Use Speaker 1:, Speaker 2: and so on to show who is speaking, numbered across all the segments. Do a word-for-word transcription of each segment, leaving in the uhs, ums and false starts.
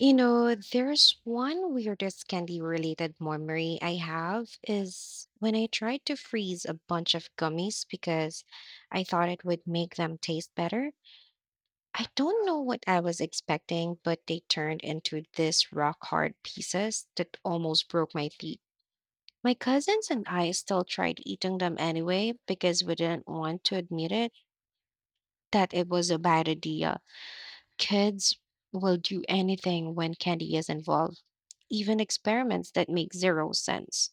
Speaker 1: You know, there's one weirdest candy related memory I have is when I tried to freeze a bunch of gummies because I thought it would make them taste better. I don't know what I was expecting, but they turned into this rock hard pieces that almost broke my teeth. My cousins and I still tried eating them anyway because we didn't want to admit it that it was a bad idea. Kids will do anything when candy is involved, even experiments that make zero sense.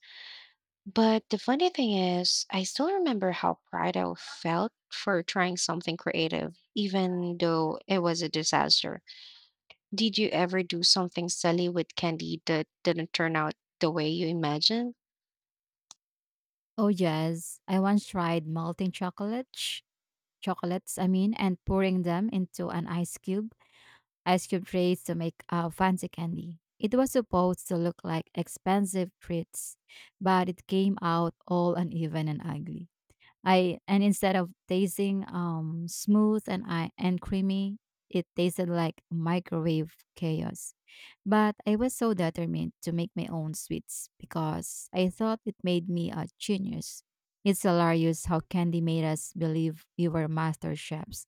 Speaker 1: But the funny thing is, I still remember how proud I felt for trying something creative, even though it was a disaster. Did you ever do something silly with candy that didn't turn out the way you imagined?
Speaker 2: Oh yes, I once tried melting chocolates, chocolates, I mean, and pouring them into an ice cube, ice cube trays to make a fancy candy. It was supposed to look like expensive treats, but it came out all uneven and ugly. I and Instead of tasting um smooth and I and creamy, it tasted like microwave chaos. But I was so determined to make my own sweets because I thought it made me a genius. It's hilarious how candy made us believe we were master chefs.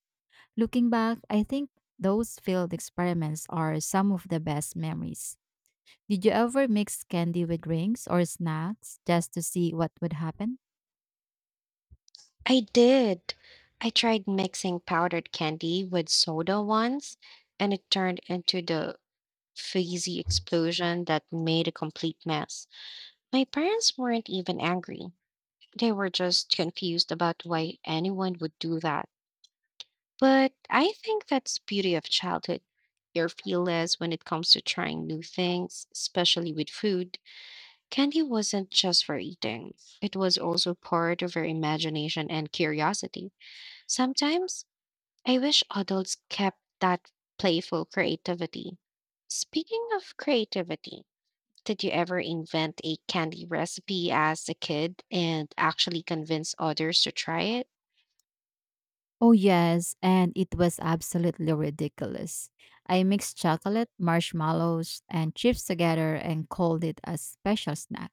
Speaker 2: Looking back, I think those failed experiments are some of the best memories. Did you ever mix candy with drinks or snacks just to see what would happen?
Speaker 1: I did. I tried mixing powdered candy with soda once, and it turned into the crazy explosion that made a complete mess. My parents weren't even angry. They were just confused about why anyone would do that. But I think that's beauty of childhood. You're fearless when it comes to trying new things, especially with food. Candy wasn't just for eating. It was also part of our imagination and curiosity. Sometimes I wish adults kept that playful creativity. Speaking of creativity, did you ever invent a candy recipe as a kid and actually convince others to try it?
Speaker 2: Oh, yes, and it was absolutely ridiculous. I mixed chocolate, marshmallows, and chips together and called it a special snack.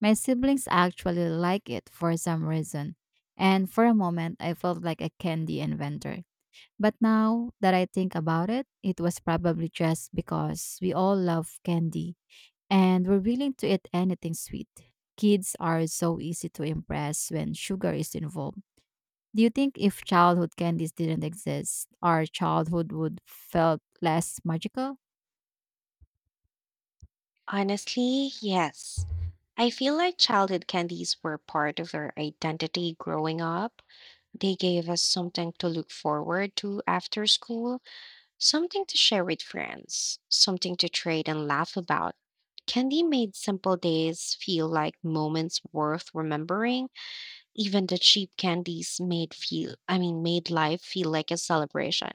Speaker 2: My siblings actually like it for some reason, and for a moment I felt like a candy inventor. But now that I think about it, it was probably just because we all love candy and we're willing to eat anything sweet. Kids are so easy to impress when sugar is involved. Do you think if childhood candies didn't exist, our childhood would felt less magical?
Speaker 1: Honestly, yes. I feel like childhood candies were part of our identity growing up. They gave us something to look forward to after school, something to share with friends, something to trade and laugh about. Candy made simple days feel like moments worth remembering. Even the cheap candies made feel I mean made life feel like a celebration.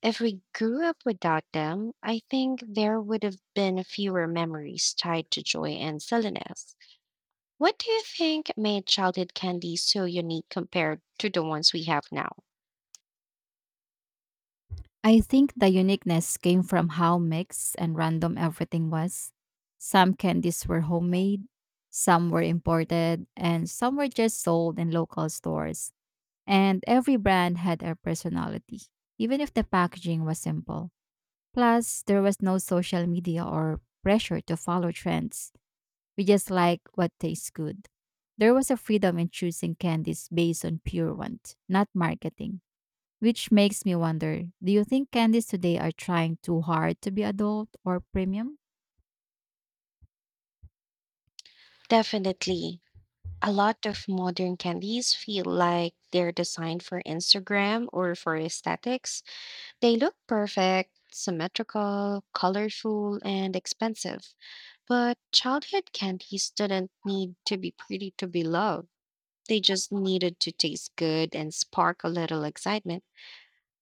Speaker 1: If we grew up without them, I think there would have been fewer memories tied to joy and silliness. What do you think made childhood candy so unique compared to the ones we have now?
Speaker 2: I think the uniqueness came from how mixed and random everything was. Some candies were homemade, some were imported, and some were just sold in local stores. And every brand had a personality, even if the packaging was simple. Plus, there was no social media or pressure to follow trends. We just like what tastes good. There was a freedom in choosing candies based on pure want, not marketing. Which makes me wonder, do you think candies today are trying too hard to be adult or premium?
Speaker 1: Definitely. A lot of modern candies feel like they're designed for Instagram or for aesthetics. They look perfect, symmetrical, colorful, and expensive. But childhood candies didn't need to be pretty to be loved. They just needed to taste good and spark a little excitement.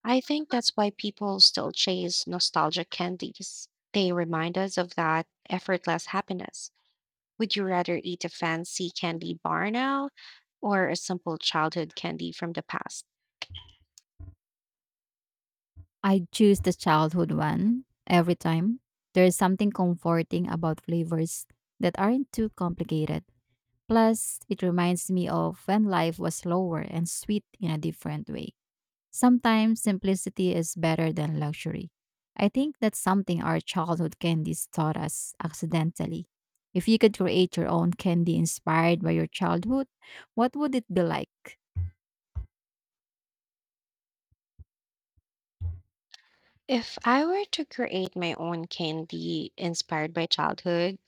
Speaker 1: I think that's why people still chase nostalgic candies. They remind us of that effortless happiness. Would you rather eat a fancy candy bar now or a simple childhood candy from the past?
Speaker 2: I choose the childhood one every time. There is something comforting about flavors that aren't too complicated. Plus, it reminds me of when life was slower and sweet in a different way. Sometimes simplicity is better than luxury. I think that's something our childhood candies taught us accidentally. If you could create your own candy inspired by your childhood, what would it be like?
Speaker 1: If I were to create my own candy inspired by childhood,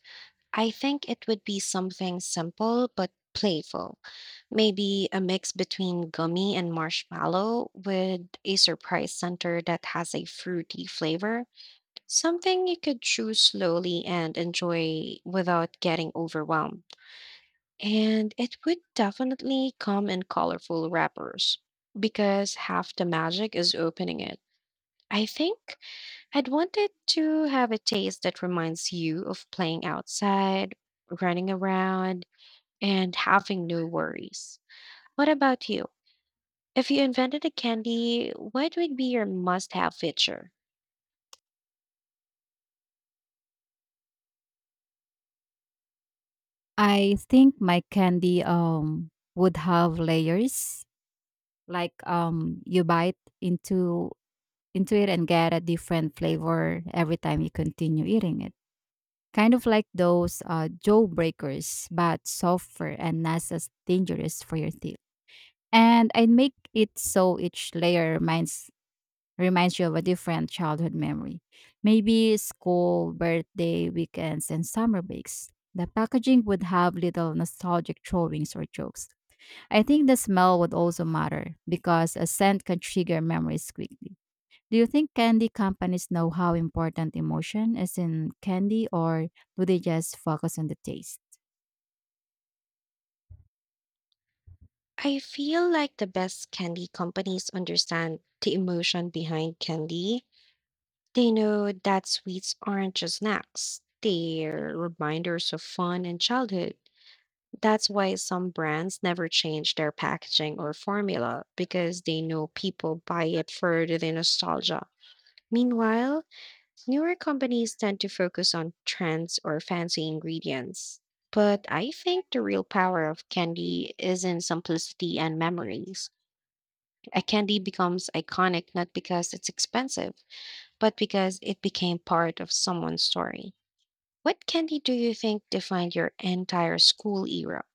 Speaker 1: I think it would be something simple but playful. Maybe a mix between gummy and marshmallow with a surprise center that has a fruity flavor. Something you could chew slowly and enjoy without getting overwhelmed. And it would definitely come in colorful wrappers because half the magic is opening it. I think I'd wanted to have a taste that reminds you of playing outside, running around, and having no worries. What about you? If you invented a candy, what would be your must have feature?
Speaker 2: I think my candy um would have layers. Like, um you bite into into it and get a different flavor every time you continue eating it. Kind of like those uh, jaw breakers, but softer and not as dangerous for your teeth. And I'd make it so each layer reminds reminds you of a different childhood memory. Maybe school, birthday, weekends, and summer breaks. The packaging would have little nostalgic drawings or jokes. I think the smell would also matter because a scent can trigger memories quickly. Do you think candy companies know how important emotion is in candy, or do they just focus on the taste?
Speaker 1: I feel like the best candy companies understand the emotion behind candy. They know that sweets aren't just snacks, they're reminders of fun and childhood. That's why some brands never change their packaging or formula because they know people buy it for the nostalgia. Meanwhile, newer companies tend to focus on trends or fancy ingredients. But I think the real power of candy is in simplicity and memories. A candy becomes iconic not because it's expensive, but because it became part of someone's story. What candy do you think defined your entire school era?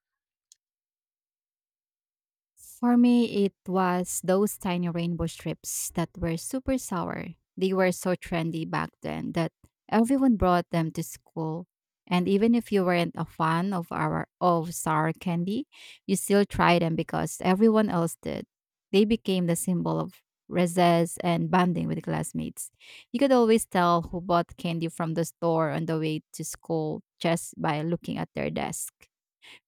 Speaker 2: For me, it was those tiny rainbow strips that were super sour. They were so trendy back then that everyone brought them to school. And even if you weren't a fan of our of sour candy, you still tried them because everyone else did. They became the symbol of recess and bonding with classmates. You could always tell who bought candy from the store on the way to school just by looking at their desk.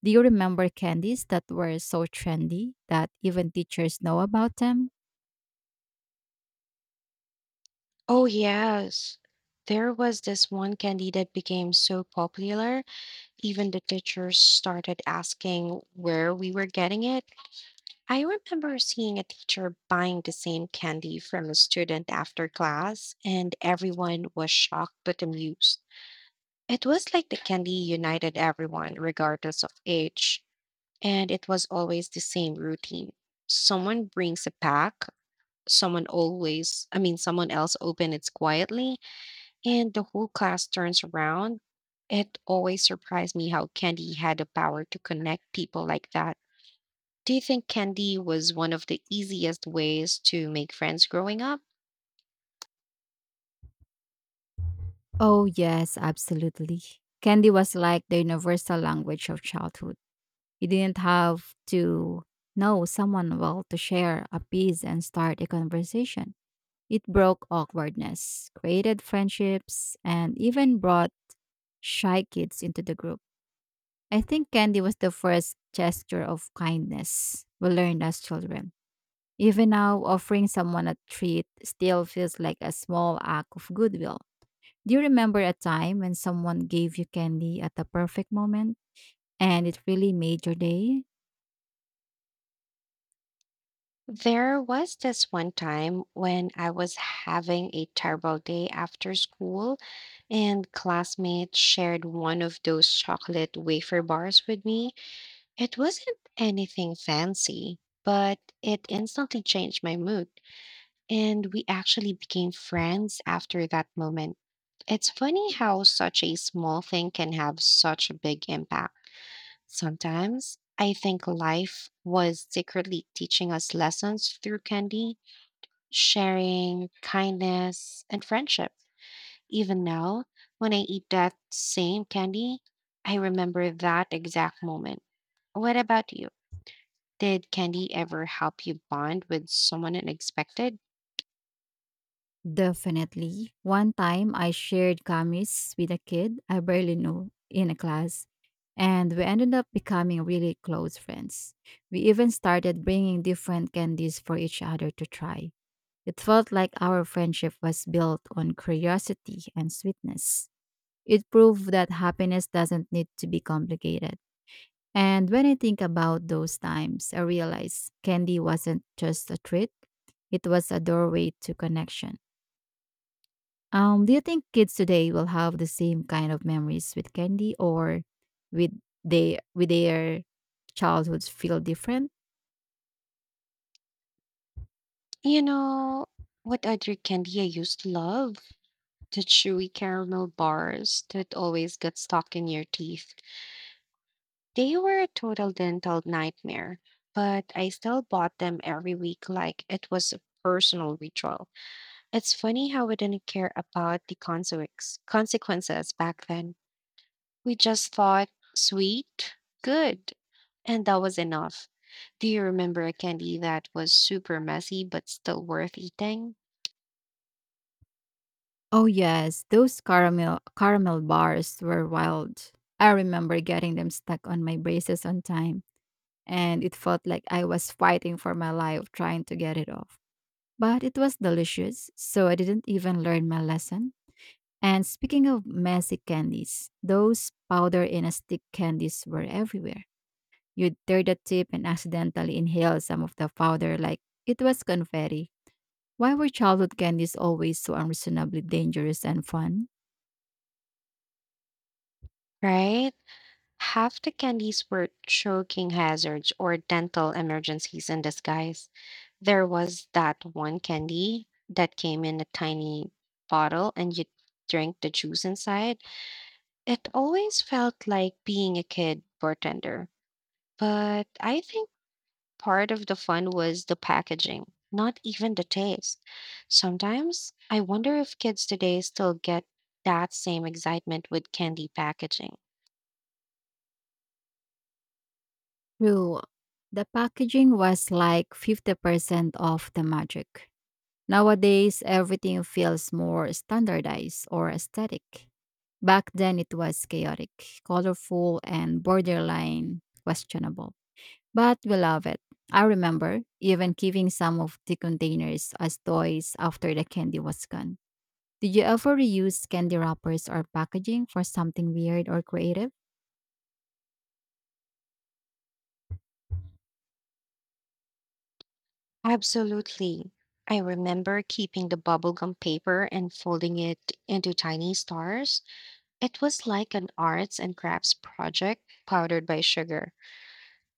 Speaker 2: Do you remember candies that were so trendy that even teachers know about them?
Speaker 1: Oh, yes. There was this one candy that became so popular, even the teachers started asking where we were getting it. I remember seeing a teacher buying the same candy from a student after class, and everyone was shocked but amused. It was like the candy united everyone, regardless of age, and it was always the same routine. Someone brings a pack, someone always, I mean, someone else opens it quietly, and the whole class turns around. It always surprised me how candy had the power to connect people like that. Do you think candy was one of the easiest ways to make friends growing up?
Speaker 2: Oh, yes, absolutely. Candy was like the universal language of childhood. You didn't have to know someone well to share a piece and start a conversation. It broke awkwardness, created friendships, and even brought shy kids into the group. I think candy was the first gesture of kindness we learned as children. Even now, offering someone a treat still feels like a small act of goodwill. Do you remember a time when someone gave you candy at the perfect moment and it really made your day?
Speaker 1: There was this one time when I was having a terrible day after school, and classmates shared one of those chocolate wafer bars with me. It wasn't anything fancy, but it instantly changed my mood, and we actually became friends after that moment. It's funny how such a small thing can have such a big impact. Sometimes I think life was secretly teaching us lessons through candy, sharing, kindness, and friendship. Even now, when I eat that same candy, I remember that exact moment. What about you? Did candy ever help you bond with someone unexpected?
Speaker 2: Definitely. One time I shared gummies with a kid I barely knew in a class, and we ended up becoming really close friends. We even started bringing different candies for each other to try. It felt like our friendship was built on curiosity and sweetness. It proved that happiness doesn't need to be complicated. And when I think about those times, I realize candy wasn't just a treat, it was a doorway to connection. Um, do you think kids today will have the same kind of memories with candy, or with they with their childhoods feel different?
Speaker 1: You know, what other candy I used to love? The chewy caramel bars that always get stuck in your teeth. They were a total dental nightmare, but I still bought them every week like it was a personal ritual. It's funny how we didn't care about the consequence- consequences back then. We just thought sweet, good, and that was enough. Do you remember a candy that was super messy but still worth eating?
Speaker 2: Oh yes, those caramel caramel bars were wild. I remember getting them stuck on my braces on time and it felt like I was fighting for my life trying to get it off. But it was delicious, so I didn't even learn my lesson. And speaking of messy candies, those powder in a stick candies were everywhere. You'd tear the tip and accidentally inhale some of the powder like it was confetti. Why were childhood candies always so unreasonably dangerous and fun?
Speaker 1: Right? Half the candies were choking hazards or dental emergencies in disguise. There was that one candy that came in a tiny bottle and you drank the juice inside. It always felt like being a kid bartender. But I think part of the fun was the packaging, not even the taste. Sometimes I wonder if kids today still get that same excitement with candy packaging.
Speaker 2: True, the packaging was like fifty percent of the magic. Nowadays, everything feels more standardized or aesthetic. Back then, it was chaotic, colorful, and borderline questionable. But we love it. I remember even keeping some of the containers as toys after the candy was gone. Did you ever reuse candy wrappers or packaging for something weird or creative?
Speaker 1: Absolutely. I remember keeping the bubblegum paper and folding it into tiny stars. It was like an arts and crafts project powdered by sugar.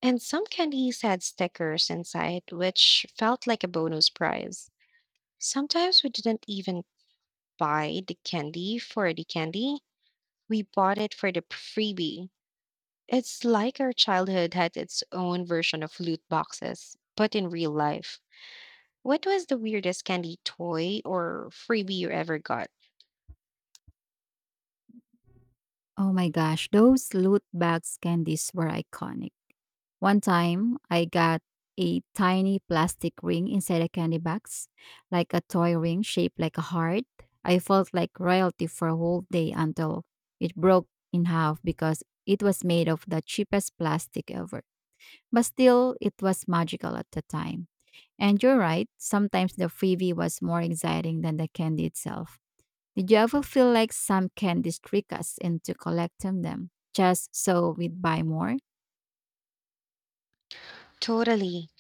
Speaker 1: And some candies had stickers inside, which felt like a bonus prize. Sometimes we didn't even buy the candy for the candy, we bought it for the freebie. It's like our childhood had its own version of loot boxes, but in real life. What was the weirdest candy toy or freebie you ever got?
Speaker 2: Oh my gosh, those loot bags candies were iconic. One time, I got a tiny plastic ring inside a candy box, like a toy ring shaped like a heart. I felt like royalty for a whole day until it broke in half because it was made of the cheapest plastic ever. But still, it was magical at the time. And you're right, sometimes the freebie was more exciting than the candy itself. Did you ever feel like some candies trick us into collecting them just so we'd buy more?
Speaker 1: Totally.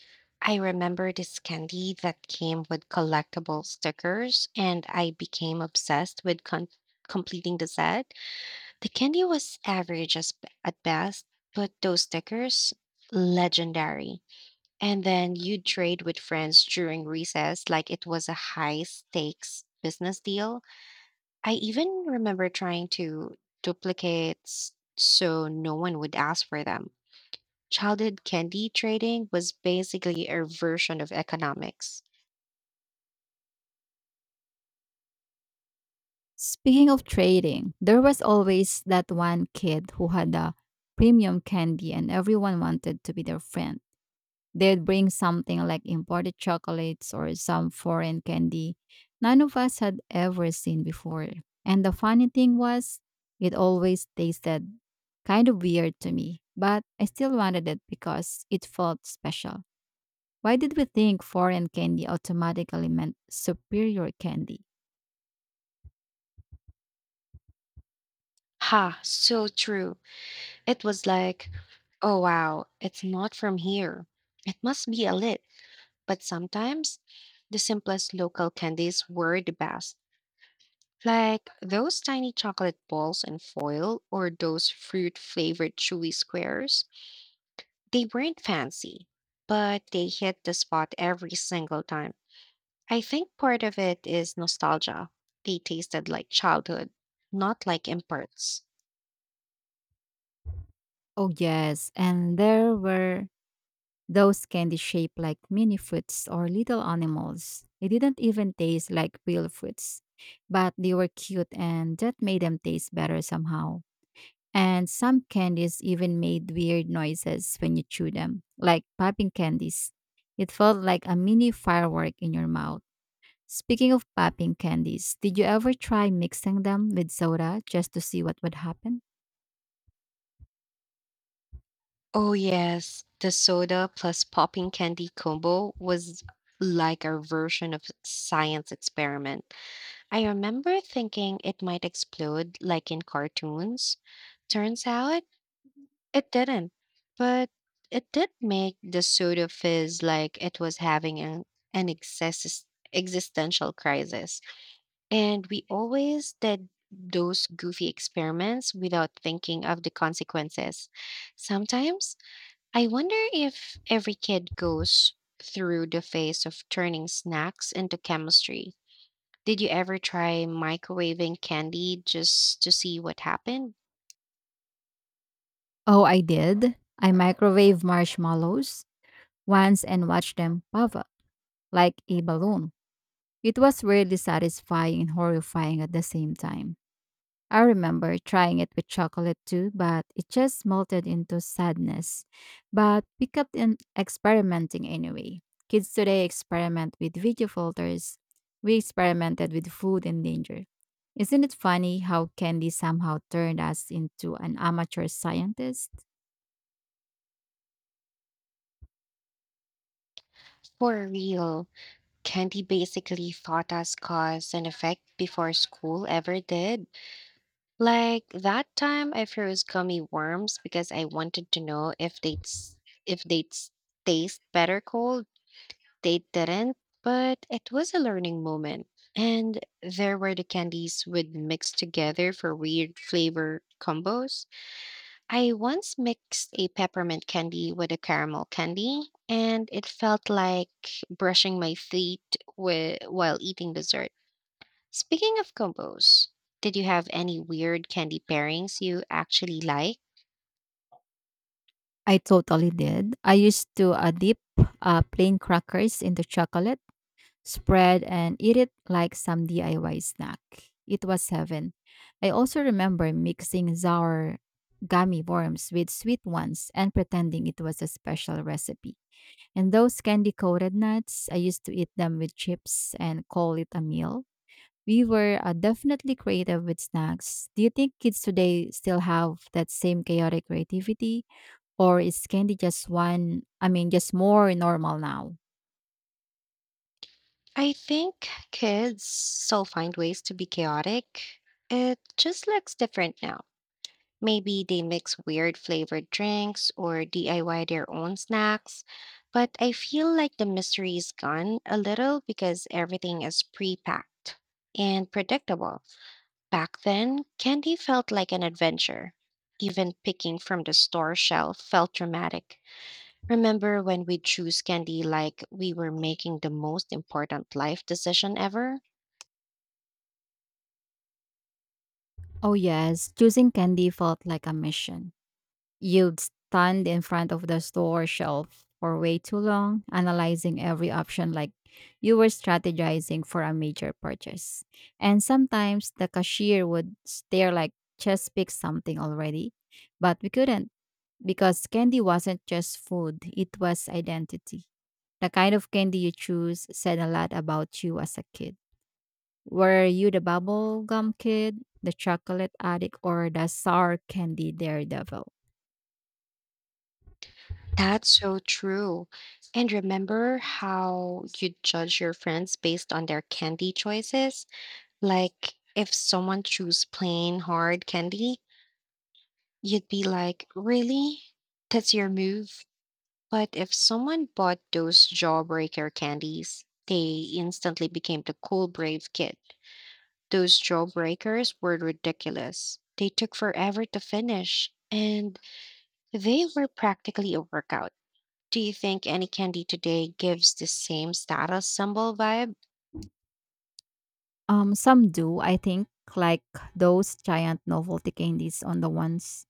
Speaker 1: I remember this candy that came with collectible stickers, and I became obsessed with con- completing the set. The candy was average as at best, but those stickers, legendary. And then you'd trade with friends during recess like it was a high stakes business deal. I even remember trying to duplicate s- so no one would ask for them. Childhood candy trading was basically a version of economics.
Speaker 2: Speaking of trading, there was always that one kid who had a premium candy and everyone wanted to be their friend. They'd bring something like imported chocolates or some foreign candy none of us had ever seen before. And the funny thing was, it always tasted kind of weird to me, but I still wanted it because it felt special. Why did we think foreign candy automatically meant superior candy?
Speaker 1: Ha, so true. It was like, oh wow, it's not from here. It must be a lit. But sometimes the simplest local candies were the best. Like those tiny chocolate balls in foil or those fruit flavored chewy squares. They weren't fancy, but they hit the spot every single time. I think part of it is nostalgia. They tasted like childhood, not like imports.
Speaker 2: Oh, yes, and there were those candy shaped like mini fruits or little animals. They didn't even taste like real fruits, but they were cute and that made them taste better somehow. And some candies even made weird noises when you chew them, like popping candies. It felt like a mini firework in your mouth. Speaking of popping candies, did you ever try mixing them with soda just to see what would happen?
Speaker 1: Oh, yes. The soda plus popping candy combo was like a version of science experiment. I remember thinking it might explode like in cartoons. Turns out it didn't, but it did make the soda fizz like it was having an, an exis- existential crisis. And we always did those goofy experiments without thinking of the consequences. Sometimes I wonder if every kid goes through the phase of turning snacks into chemistry. Did you ever try microwaving candy just to see what happened?
Speaker 2: Oh, I did. I microwave marshmallows once and watched them puff up like a balloon. It was weirdly satisfying and horrifying at the same time. I remember trying it with chocolate too, but it just melted into sadness. But we kept in experimenting anyway. Kids today experiment with video filters. We experimented with food and danger. Isn't it funny how candy somehow turned us into an amateur scientist?
Speaker 1: For real, candy basically taught us cause and effect before school ever did. Like that time I froze gummy worms because I wanted to know if they'd s- if they'd s- taste better cold. They didn't, but it was a learning moment. And there were the candies would mix together for weird flavor combos. I once mixed a peppermint candy with a caramel candy, and it felt like brushing my teeth wi- while eating dessert. Speaking of combos, did you have any weird candy pairings you actually like?
Speaker 2: I totally did. I used to uh, dip uh, plain crackers into chocolate spread and eat it like some D I Y snack. It was heaven. I also remember mixing sour gummy worms with sweet ones and pretending it was a special recipe. And those candy coated nuts, I used to eat them with chips and call it a meal. We were uh, definitely creative with snacks. Do you think kids today still have that same chaotic creativity? Or is candy just one, I mean, just more normal now?
Speaker 1: I think kids still find ways to be chaotic. It just looks different now. Maybe they mix weird flavored drinks or D I Y their own snacks. But I feel like the mystery is gone a little because everything is pre packed and predictable. Back then, candy felt like an adventure. Even picking from the store shelf felt dramatic. Remember when we choose candy like we were making the most important life decision ever?
Speaker 2: Oh, yes. Choosing candy felt like a mission. You'd stand in front of the store shelf for way too long, analyzing every option like you were strategizing for a major purchase. And sometimes the cashier would stare like, just pick something already. But we couldn't, because candy wasn't just food, it was identity. The kind of candy you choose said a lot about you as a kid. Were you the bubble gum kid, the chocolate addict, or the sour candy daredevil?
Speaker 1: That's so true. And remember how you judge your friends based on their candy choices? Like, if someone chose plain hard candy, you'd be like, really? That's your move? But if someone bought those jawbreaker candies, they instantly became the cool, brave kid. Those jawbreakers were ridiculous. They took forever to finish, and they were practically a workout. Do you think any candy today gives the same status symbol vibe?
Speaker 2: Um, some do, I think, like those giant novelty candies on the ones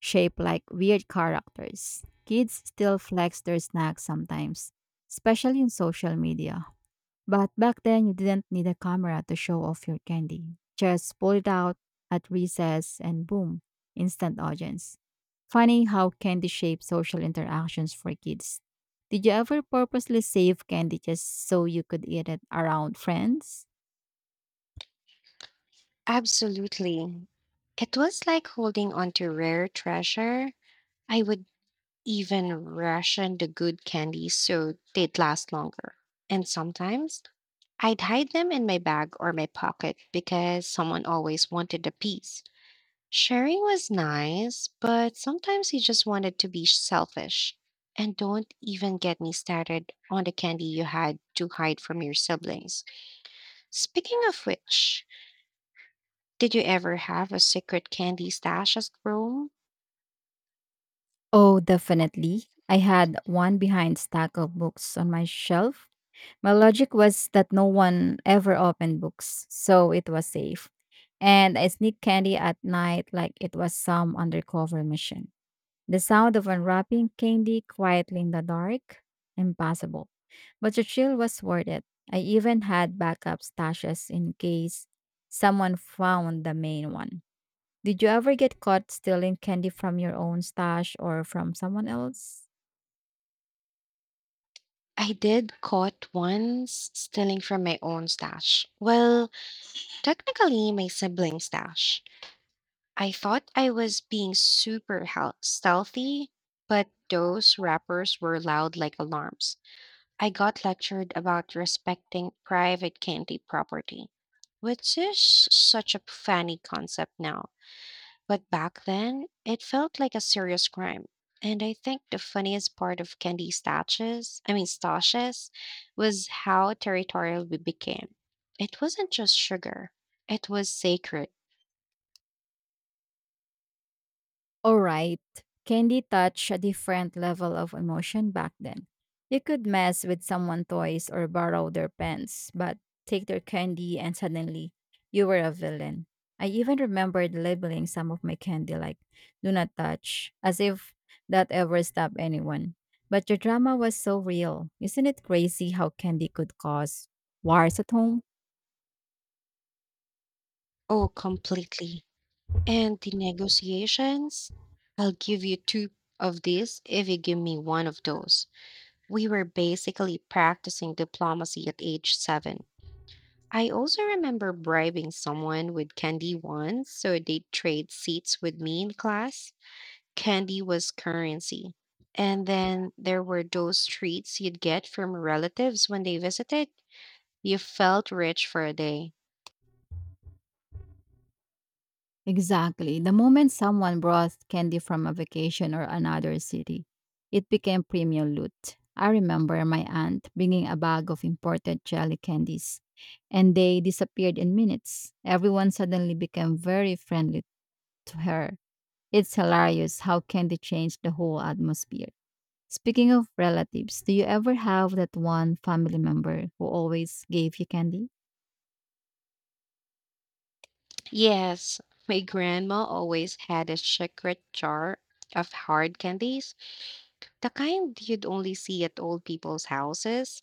Speaker 2: shaped like weird characters. Kids still flex their snacks sometimes, especially in social media. But back then, you didn't need a camera to show off your candy. Just pull it out at recess and boom, instant audience. Funny how candy shapes social interactions for kids. Did you ever purposely save candy just so you could eat it around friends?
Speaker 1: Absolutely. It was like holding onto rare treasure. I would even ration the good candies so they'd last longer. And sometimes I'd hide them in my bag or my pocket because someone always wanted a piece. Sharing was nice, but sometimes you just wanted to be selfish. And don't even get me started on the candy you had to hide from your siblings. Speaking of which, did you ever have a secret candy stash at Rome?
Speaker 2: Oh, definitely. I had one behind stack of books on my shelf. My logic was that no one ever opened books, so it was safe. And I sneaked candy at night like it was some undercover mission. The sound of unwrapping candy quietly in the dark? Impossible. But the thrill was worth it. I even had backup stashes in case someone found the main one. Did you ever get caught stealing candy from your own stash or from someone else?
Speaker 1: I did caught once stealing from my own stash. Well, technically my sibling's stash. I thought I was being super hel- stealthy, but those rappers were loud like alarms. I got lectured about respecting private candy property, which is such a funny concept now. But back then, it felt like a serious crime. And I think the funniest part of candy stashes, I mean stashes, was how territorial we became. It wasn't just sugar, it was sacred.
Speaker 2: Alright, candy touched a different level of emotion back then. You could mess with someone's toys or borrow their pens, but take their candy and suddenly you were a villain. I even remembered labeling some of my candy like "do not touch," as if that ever stopped anyone. But your drama was so real. Isn't it crazy how candy could cause wars at home?
Speaker 1: Oh, completely. And the negotiations, I'll give you two of these if you give me one of those. We were basically practicing diplomacy at age seven. I also remember bribing someone with candy once, so they'd trade seats with me in class. Candy was currency. And then there were those treats you'd get from relatives when they visited. You felt rich for a day.
Speaker 2: Exactly. The moment someone brought candy from a vacation or another city, it became premium loot. I remember my aunt bringing a bag of imported jelly candies, and they disappeared in minutes. Everyone suddenly became very friendly to her. It's hilarious how candy changed the whole atmosphere. Speaking of relatives, do you ever have that one family member who always gave you candy?
Speaker 1: Yes, my grandma always had a secret jar of hard candies, the kind you'd only see at old people's houses.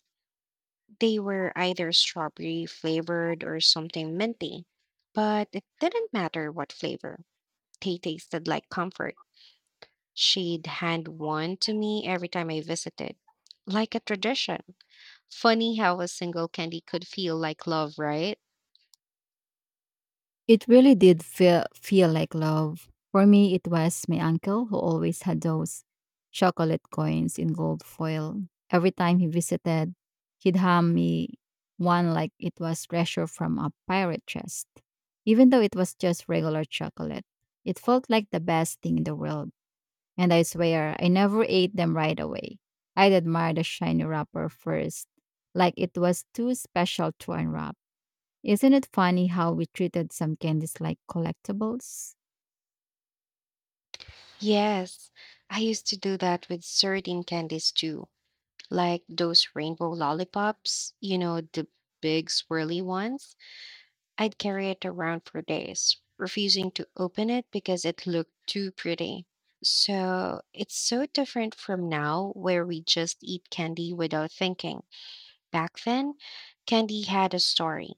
Speaker 1: They were either strawberry flavored or something minty, but it didn't matter what flavor. They tasted like comfort. She'd hand one to me every time I visited, like a tradition. Funny how a single candy could feel like love, right?
Speaker 2: It really did feel feel like love. For me, it was my uncle who always had those chocolate coins in gold foil. Every time he visited, he'd hand me one like it was treasure from a pirate chest. Even though it was just regular chocolate, it felt like the best thing in the world. And I swear, I never ate them right away. I'd admire the shiny wrapper first, like it was too special to unwrap. Isn't it funny how we treated some candies like collectibles?
Speaker 1: Yes, I used to do that with certain candies too, like those rainbow lollipops, you know, the big swirly ones. I'd carry it around for days, refusing to open it because it looked too pretty. So it's so different from now, where we just eat candy without thinking. Back then, candy had a story.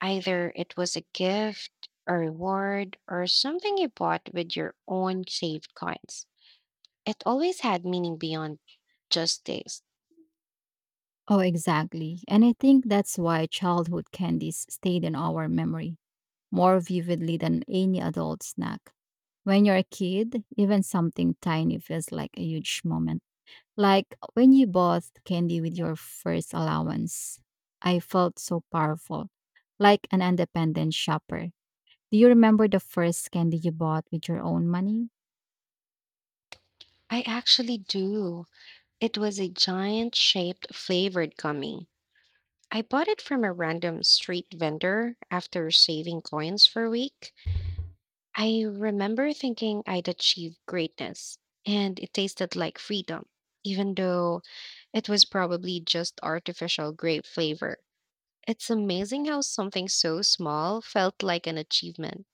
Speaker 1: Either it was a gift, a reward, or something you bought with your own saved coins. It always had meaning beyond just taste.
Speaker 2: Oh, exactly. And I think that's why childhood candies stayed in our memory more vividly than any adult snack. When you're a kid, even something tiny feels like a huge moment. Like when you bought candy with your first allowance, I felt so powerful, like an independent shopper. Do you remember the first candy you bought with your own money?
Speaker 1: I actually do. It was a giant shaped flavored gummy I bought it from a random street vendor after saving coins for a week. I remember thinking I'd achieved greatness, and it tasted like freedom, even though it was probably just artificial grape flavor. It's amazing how something so small felt like an achievement.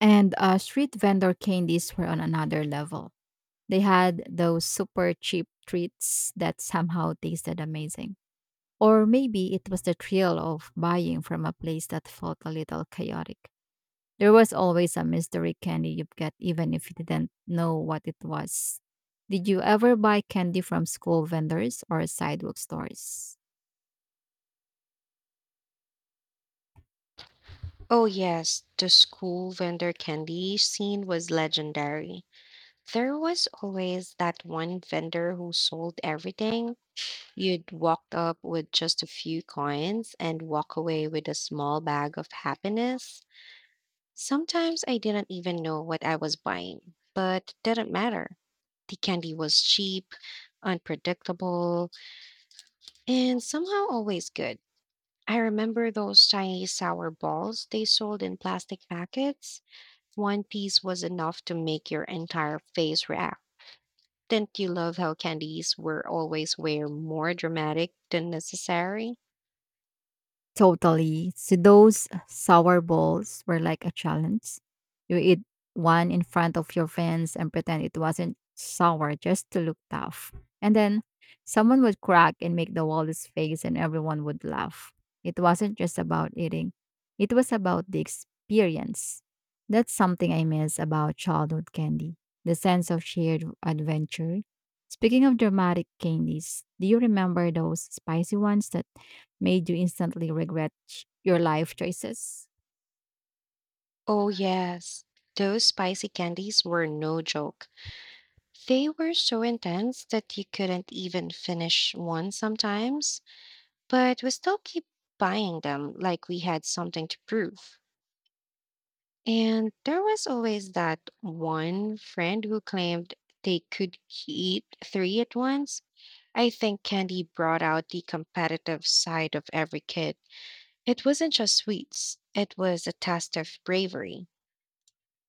Speaker 2: And uh, street vendor candies were on another level. They had those super cheap treats that somehow tasted amazing. Or maybe it was the thrill of buying from a place that felt a little chaotic. There was always a mystery candy you'd get, even if you didn't know what it was. Did you ever buy candy from school vendors or sidewalk stores?
Speaker 1: Oh, yes, the school vendor candy scene was legendary. There was always that one vendor who sold everything. You'd walk up with just a few coins and walk away with a small bag of happiness. Sometimes I didn't even know what I was buying, but it didn't matter. The candy was cheap, unpredictable, and somehow always good. I remember those tiny sour balls they sold in plastic packets. One piece was enough to make your entire face react. Didn't you love how candies were always way more dramatic than necessary?
Speaker 2: Totally. So those sour balls were like a challenge. You eat one in front of your friends and pretend it wasn't sour just to look tough. And then someone would crack and make the wildest face and everyone would laugh. It wasn't just about eating. It was about the experience. That's something I miss about childhood candy. The sense of shared adventure. Speaking of dramatic candies, do you remember those spicy ones that made you instantly regret ch- your life choices?
Speaker 1: Oh, yes. Those spicy candies were no joke. They were so intense that you couldn't even finish one sometimes, but we still keep buying them like we had something to prove. And there was always that one friend who claimed they could eat three at once. I think candy brought out the competitive side of every kid. It wasn't just sweets, it was a test of bravery.